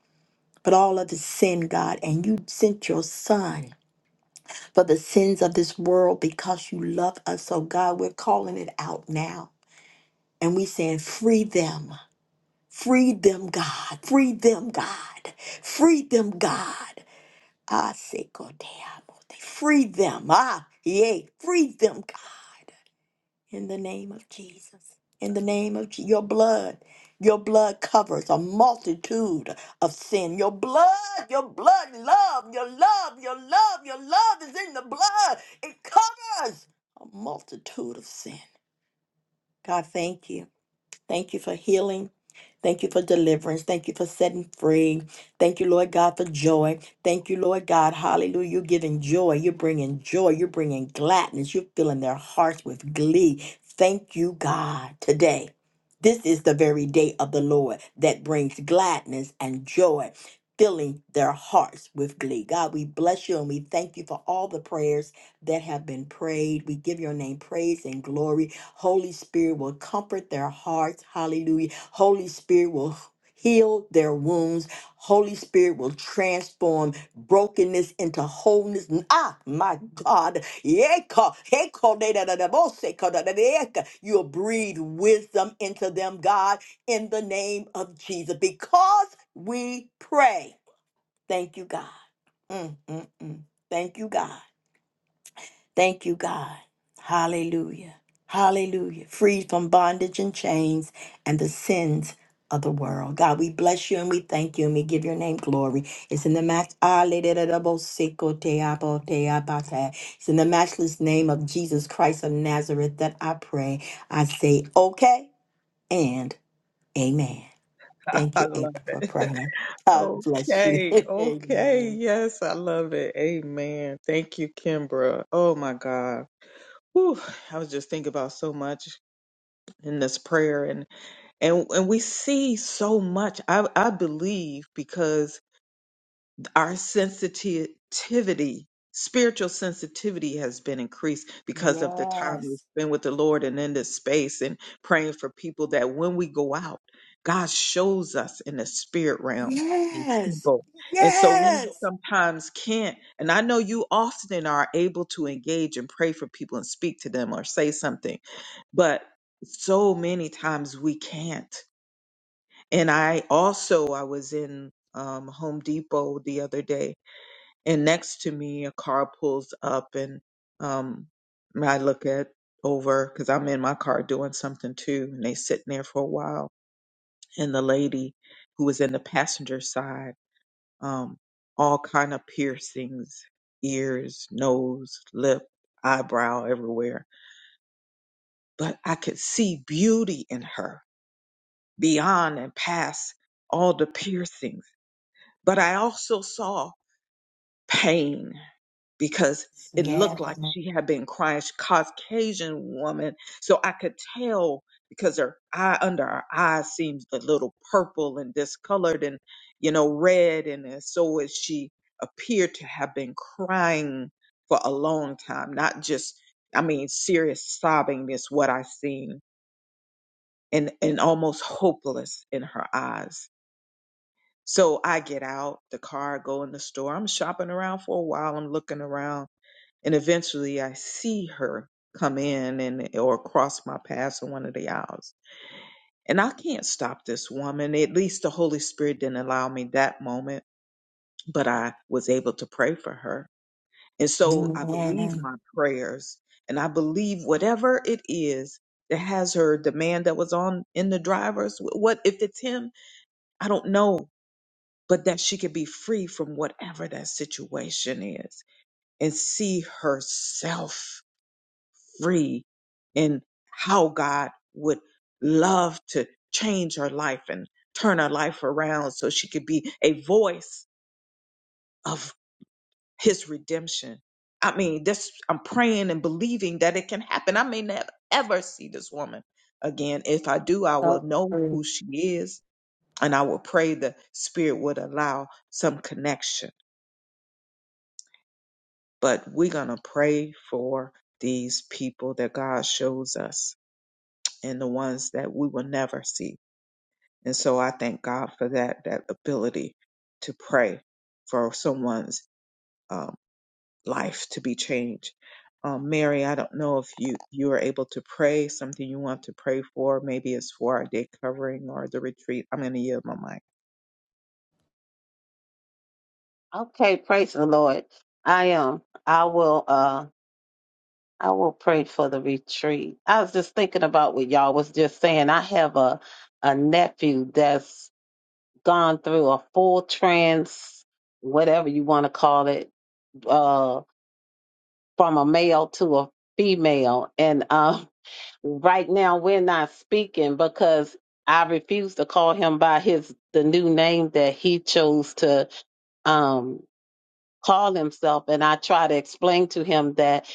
but all of his sin, God. And you sent your son for the sins of this world because you love us. So, God, we're calling it out now. And we saying, free them. Free them, God. Free them, God. Free them, God. Ah, say, God damn. Free them. Ah, yay. Free them, God. In the name of Jesus. In the name of Je- your blood. Your blood covers a multitude of sin. Your blood, your blood, love, your love, your love, your love is in the blood. It covers a multitude of sin. God, thank you. Thank you for healing. Thank you for deliverance. Thank you for setting free. Thank you, Lord God, for joy. Thank you, Lord God. Hallelujah. You're giving joy. You're bringing joy. You're bringing gladness. You're filling their hearts with glee. Thank you, God, today. This is the very day of the Lord that brings gladness and joy, filling their hearts with glee. God, we bless you and we thank you for all the prayers that have been prayed. We give your name praise and glory. Holy Spirit will comfort their hearts. Hallelujah. Holy Spirit will heal their wounds. Holy Spirit will transform brokenness into wholeness. Ah, my God. Yeka, heko, de, da, da, da, bo, se, ko, da, da, da, yeka. You'll breathe wisdom into them, God, in the name of Jesus, because we pray. Thank you, God. Mm, mm, mm. Thank you, God. Thank you, God. Hallelujah. Hallelujah. Freed from bondage and chains and the sins of the world. God, we bless you and we thank you and we give your name glory. It's in the match. It's in the matchless name of Jesus Christ of Nazareth that I pray. I say, okay and amen. [LAUGHS] Thank I you, love April, for it. [LAUGHS] praying. God bless you. [LAUGHS] Okay, okay. amen. Yes, I love it. Amen. Thank you, Kimbra. Oh my God. Whew, I was just thinking about so much. in this prayer and and and we see so much i i believe because our sensitivity spiritual sensitivity has been increased because of the time we've Yes. been with the lord and in this space and praying for people that when we go out god shows us in the spirit realm and Yes. people and so we Yes. sometimes can't and i know you often are able to engage and pray for people and speak to them or say something but so many times we can't and i also i was in um, home depot the other day and next to me a car pulls up and um, i look at over because i'm in my car doing something too and they sitting there for a while and the lady who was in the passenger side um, all kind of piercings ears nose lip eyebrow everywhere but i could see beauty in her beyond and past all the piercings. But I also saw pain because it Yes. looked like she had been crying. She Caucasian woman, so I could tell because her eye under her eye seems a little purple and discolored and you know red, and then so is she appeared to have been crying for a long time, not just I mean serious sobbing is what I seen, and and almost hopeless in her eyes So I get out the car, go in the store. I'm shopping around for a while. I'm looking around, and eventually I see her come in and eh, or cross my path in one of the aisles. And I can't stop this woman. At least the Holy Spirit didn't allow me that moment, but I was able to pray for her. And so I believe Amen. my prayers, and I believe whatever it is that has her, the man that was on in the driver's, what if it's him? I don't know but that she can be free from whatever that situation is and see herself free and how God would love to change her life and turn her life around so she could be a voice of his redemption. I mean, this I'm praying and believing that it can happen. I may never ever see this woman again. If I do, I will know Sorry. who she is and I will pray the spirit would allow some connection but we're going to pray for these people that God shows us and the ones that we will never see. And so I thank God for that that ability to pray for someone's um, life to be changed. Um, Mary, I don't know if you you are able to pray something you want to pray for. Maybe it's for our day covering or the retreat. I'm going to yield my mic. Okay, praise the Lord. I am. I will. Uh, I will pray for the retreat. I was just thinking about what y'all was just saying. I have a a nephew that's gone through a full trans, whatever you want to call it, uh, from a male to a female. And uh, right now, we're not speaking because I refuse to call him by his the new name that he chose to um, call himself. And I try to explain to him that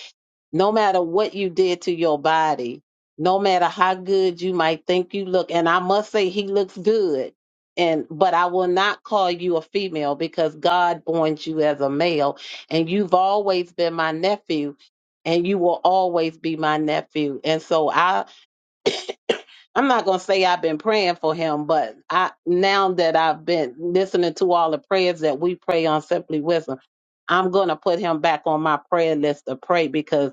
no matter what you did to your body, no matter how good you might think you look, and I must say he looks good. And but I will not call you a female because God born you as a male, and you've always been my nephew and you will always be my nephew. And so I I'm not going to say I've been praying for him, but I now that I've been listening to all the prayers that we pray on Simply Wisdom, I'm going to put him back on my prayer list to pray because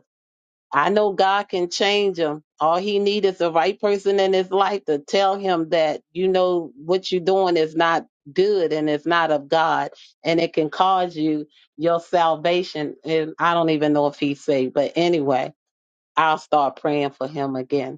I know God can change him. All he needs is the right person in his life to tell him that you know what you're doing is not good and it's not of God and it can cause you your salvation and I don't even know if he's saved but anyway I'll start praying for him again.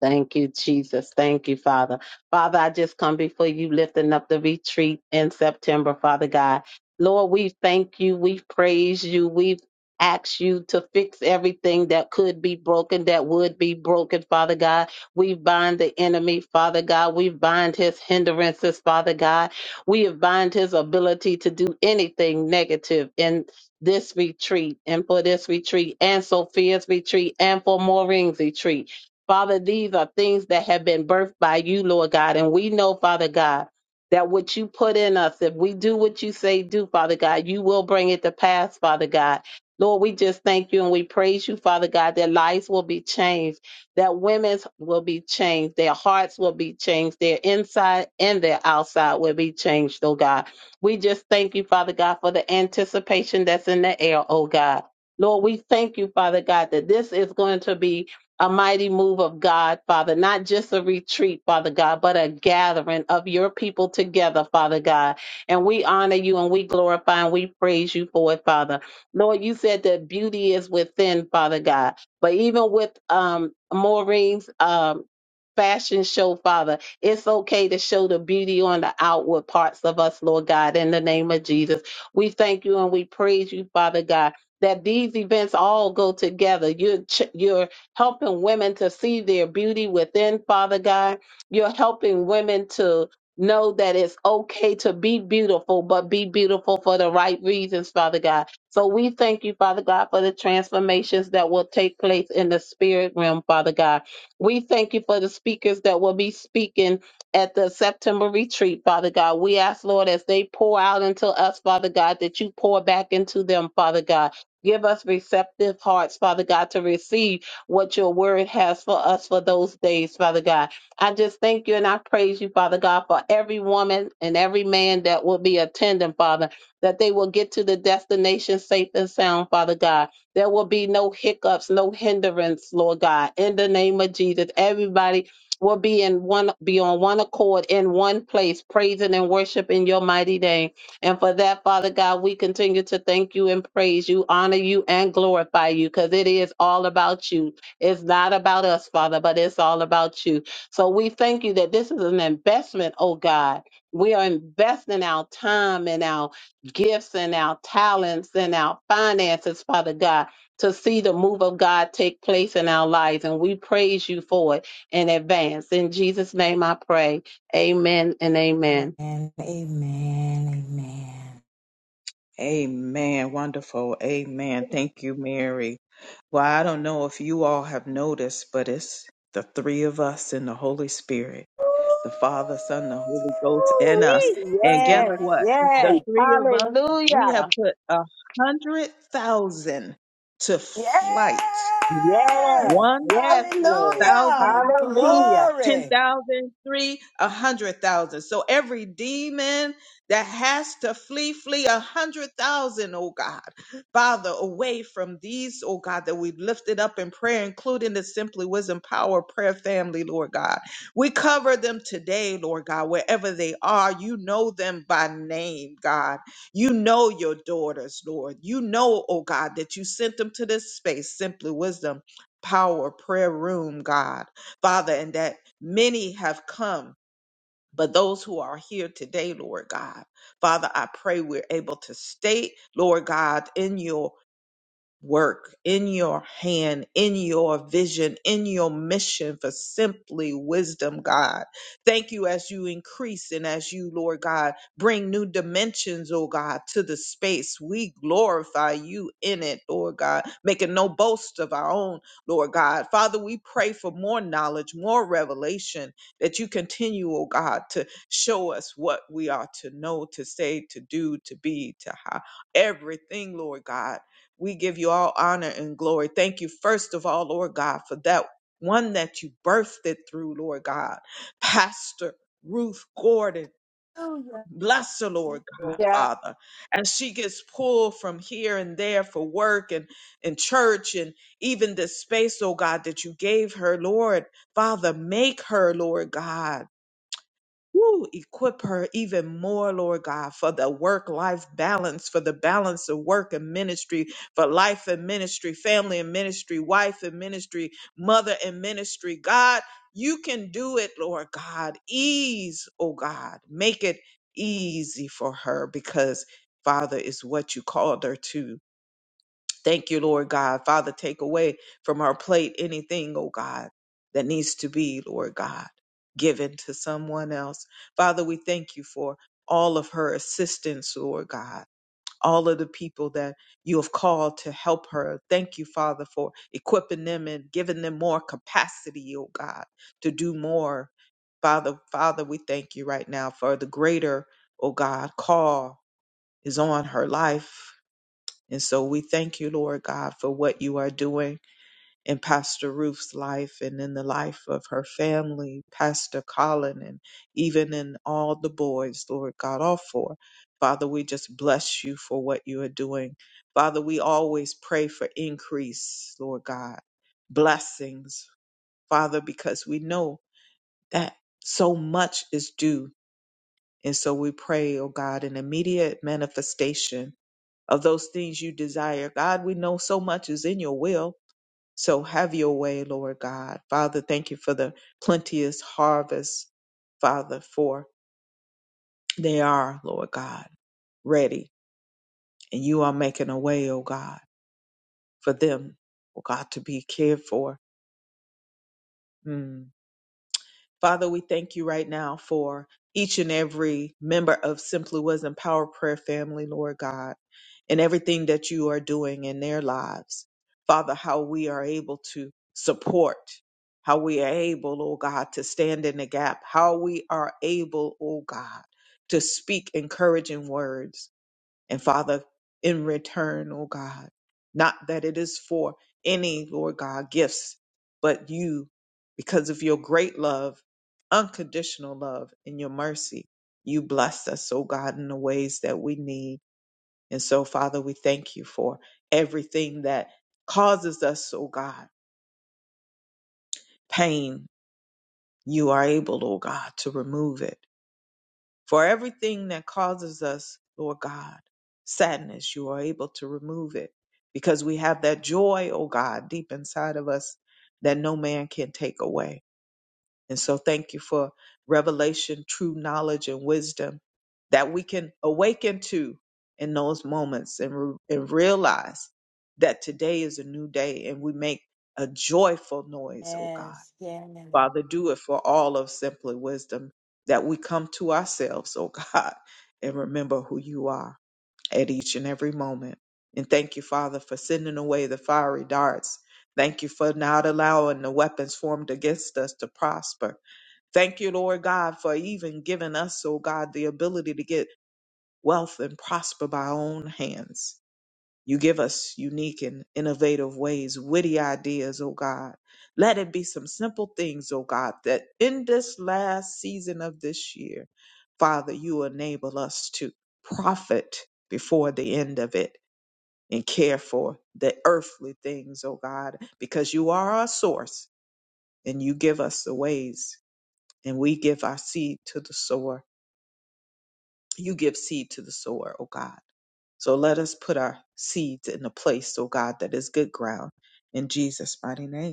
Thank you, Jesus. Thank you, Father. Father, I just come before you lifting up the retreat in September, Father God. Lord, we thank you. We praise you. We ask you to fix everything that could be broken, that would be broken, Father God. We bind the enemy, Father God. We bind his hindrances, Father God. We bind his ability to do anything negative in this retreat and for this retreat and Sophia's retreat and for Maureen's retreat. Father, these are things that have been birthed by you, Lord God. And we know, Father God, that what you put in us, if we do what you say do, Father God, you will bring it to pass, Father God. Lord, we just thank you and we praise you, Father God, that lives will be changed, that women's will be changed, their hearts will be changed, their inside and their outside will be changed, oh God. We just thank you, Father God, for the anticipation that's in the air, oh God. Lord, we thank you, Father God, that this is going to be a mighty move of God, Father, not just a retreat, Father God, but a gathering of your people together, Father God. And we honor you and we glorify and we praise you for it, Father. Lord, you said that beauty is within, Father God. But even with um Maureen's um fashion show, Father, it's okay to show the beauty on the outward parts of us, Lord God, in the name of Jesus. We thank you and we praise you, Father God. That these events all go together. You're, ch- you're helping women to see their beauty within, Father God. You're helping women to know that it's okay to be beautiful, but be beautiful for the right reasons, Father God. So we thank you, Father God, for the transformations that will take place in the spirit realm, Father God. We thank you for the speakers that will be speaking at the September retreat, Father God. We ask, Lord, as they pour out into us, Father God, that you pour back into them, Father God. Give us receptive hearts, Father God, to receive what your word has for us for those days, Father God. I just thank you and I praise you, Father God, for every woman and every man that will be attending, Father, that they will get to the destination safe and sound, Father God. There will be no hiccups, no hindrance, Lord God. In the name of Jesus, everybody will be in one be on one accord in one place praising and worshiping your mighty name and for that father god we continue to thank you and praise you honor you and glorify you because it is all about you it's not about us, Father, but it's all about you. So we thank you that this is an investment, oh God. We are investing our time and our gifts and our talents and our finances, Father God, to see the move of God take place in our lives. And we praise you for it in advance. In Jesus' name I pray. Amen and amen. Amen. Amen. Amen. Amen. Wonderful. Amen. Thank you, Mary. Well, I don't know if you all have noticed, but it's the three of us in the Holy Spirit, Ooh, the Father, Son, the Holy Ghost in us. Ooh-wee. Yes. And guess Yes. Yes, what? The yes. three of us, we have Hallelujah. put a hundred thousand to Yes. flight. Yes, One yes, Lord. Hallelujah. thousand, two, Hallelujah. ten Glory. thousand, three, a hundred thousand. So every demon that has to flee, flee a hundred thousand, oh God. Father, away from these, oh God, that we've lifted up in prayer, including the Simply Wisdom Power Prayer Family, Lord God. We cover them today, Lord God, wherever they are. You know them by name, God. You know your daughters, Lord. You know, oh God, that you sent them to this space, Simply Wisdom power prayer room, God, Father, and that many have come. But those who are here today, Lord God, Father, I pray we're able to stay, Lord God, in your work, in your hand, in your vision, in your mission for simply wisdom, God. Thank you as you increase and as you, Lord God, bring new dimensions, oh God, to the space. We glorify you in it, Lord God, making no boast of our own, Lord God. Father, we pray for more knowledge, more revelation that you continue, oh God, to show us what we are to know, to say, to do, to be, to have everything, Lord God we give you all honor and glory. Thank you, first of all, Lord God, for that one that you birthed it through, Lord God. Pastor Ruth Gordon, Hallelujah. bless her, Lord God, Yeah. Father. As she gets pulled from here and there for work and, and church and even this space, oh God, that you gave her, Lord, Father, make her, Lord God. Woo, equip her even more, Lord God, for the work life balance, for the balance of work and ministry, for life and ministry, family and ministry, wife and ministry, mother and ministry. God, you can do it, Lord God. Ease, oh God. Make it easy for her because, Father, is what you called her to. Thank you, Lord God. Father, take away from our plate anything, oh God, that needs to be, Lord God, given to someone else. Father, we thank you for all of her assistance, Lord God. All of the people that you have called to help her. Thank you, Father, for equipping them and giving them more capacity, oh God, to do more. Father, Father, we thank you right now for the greater, oh God, call is on her life and so we thank you, Lord God, for what you are doing in Pastor Ruth's life and in the life of her family, Pastor Colin, and even in all the boys, Lord God, all four. Father, we just bless you for what you are doing. Father, we always pray for increase, Lord God, blessings, Father, because we know that so much is due. And so we pray, oh God, an immediate manifestation of those things you desire. God, we know so much is in your will. So have your way, Lord God. Father, thank you for the plenteous harvest, Father, for they are, Lord God, ready. And you are making a way, oh God, for them, oh God, to be cared for. Mm. Father, we thank you right now for each and every member of Simply Wisdom Power Prayer family, Lord God, and everything that you are doing in their lives. Father, how we are able to support, how we are able, oh God, to stand in the gap, how we are able, oh God, to speak encouraging words and Father, in return, oh God, not that it is for any, Lord God, gifts, but you, because of your great love, unconditional love, and your mercy, you bless us, oh God, in the ways that we need. And so, Father, we thank you for everything that causes us, oh God, pain. You are able, oh God, to remove it. For everything that causes us, Lord God, sadness, you are able to remove it because we have that joy, oh God, deep inside of us that no man can take away. And so thank you for revelation, true knowledge, and wisdom that we can awaken to in those moments and, re- and realize that today is a new day and we make a joyful noise, oh God Yes. Yes. Father, do it for all of Simply Wisdom, that we come to ourselves, oh [LAUGHS] God, and remember who you are at each and every moment. And thank you, Father, for sending away the fiery darts. Thank you for not allowing the weapons formed against us to prosper. Thank you, Lord God, for even giving us, oh God, the ability to get wealth and prosper by our own hands. You give us unique and innovative ways, witty ideas, oh God. Let it be some simple things, oh God, that in this last season of this year, Father, you enable us to profit before the end of it and care for the earthly things, oh God, because you are our source and you give us the ways and we give our seed to the sower. You give seed to the sower, O God. So let us put our seeds in a place, O God, that is good ground in Jesus' mighty name.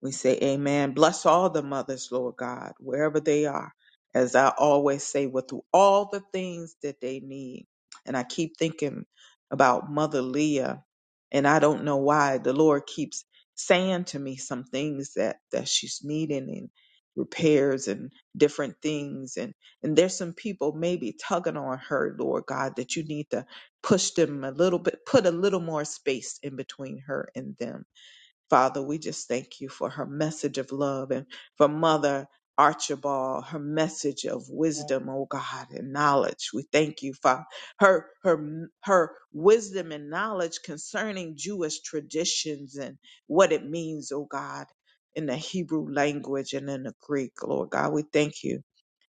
We say amen. Bless all the mothers, Lord God, wherever they are. As I always say, with all the things that they need. And I keep thinking about Mother Leah. And I don't know why the Lord keeps saying to me some things that, that she's needing and repairs and different things. And, and there's some people maybe tugging on her, Lord God, that you need to push them a little bit, put a little more space in between her and them Father, we just thank you for her message of love and for Mother Archibald, her message of wisdom, oh God, and knowledge. We thank you, Father. Her her her wisdom and knowledge concerning Jewish traditions and what it means, oh God, in the Hebrew language and in the Greek, Lord God. We thank you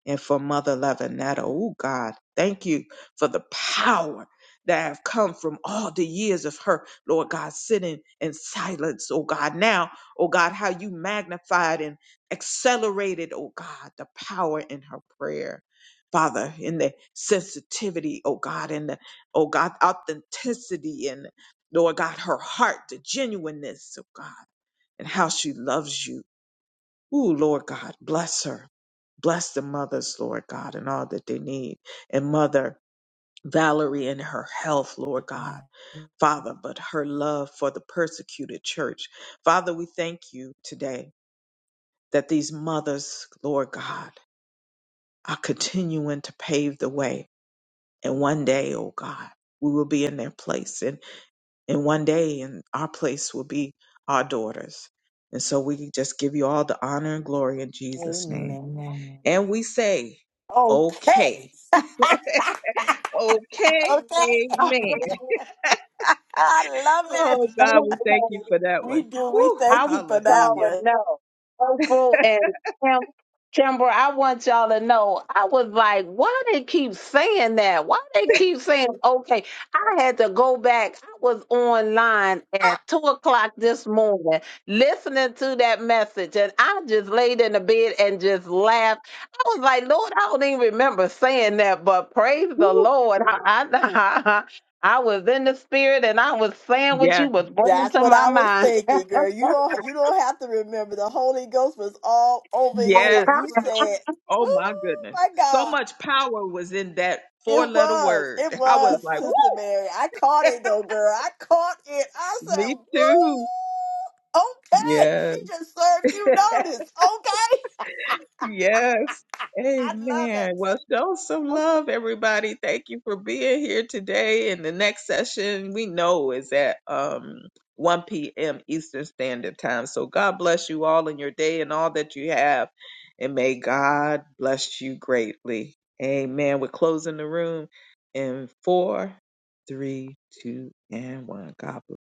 and for Mother Lavinetta. Oh God, thank you for the power that have come from all the years of her, Lord God, sitting in silence, oh God. Now, oh God, how you magnified and accelerated, oh God, the power in her prayer. Father, in the sensitivity, oh God, and the, oh God, authenticity and Lord God, her heart, the genuineness, oh God, and how she loves you Ooh, Lord God, bless her. Bless the mothers, Lord God, and all that they need. And Mother Valerie and her health, Lord God. Father, but her love for the persecuted church. Father, we thank you today that these mothers, Lord God, are continuing to pave the way. And one day, oh God, we will be in their place. And, and one day, and our place will be our daughters. And so we just give you all the honor and glory in Jesus' name. Amen. And we say, Okay. okay. [LAUGHS] okay. [LAUGHS] Okay. Oh, Amen. [LAUGHS] I love it. Oh, God, we thank you [LAUGHS] for that We one. do. We Woo, I thank want you for that y'all hallelujah. one. to know, Opal and Kim, Kimber, I want y'all to know. I was like, why they keep saying that? Why they keep saying, okay, I had to go back. I was online at two o'clock this morning listening to that message, and I just laid in the bed and just laughed. I was like, Lord, I don't even remember saying that, but praise the Woo, Lord. I, I, [LAUGHS] I was in the spirit and I was saying what you yes. was bringing That's to what my I was mind. thinking, girl. You don't you don't have to remember. The Holy Ghost was all over you. Yes. You said, Oh, "Oh my goodness. my So God." much power was in that four It letter was. word. It I was was, like, Sister Mary. I caught woo, it though, girl. I caught it. I [LAUGHS] me said, too. "Woo!" Okay. She Yes. just served you [LAUGHS] notice. Okay. [LAUGHS] Yes. I love Amen. it. Well, show some love, everybody. Thank you for being here today. And the next session we know is at um 1 p.m. Eastern Standard Time. So God bless you all in your day and all that you have. And may God bless you greatly. Amen. We're closing the room in four, three, two, and one. God bless.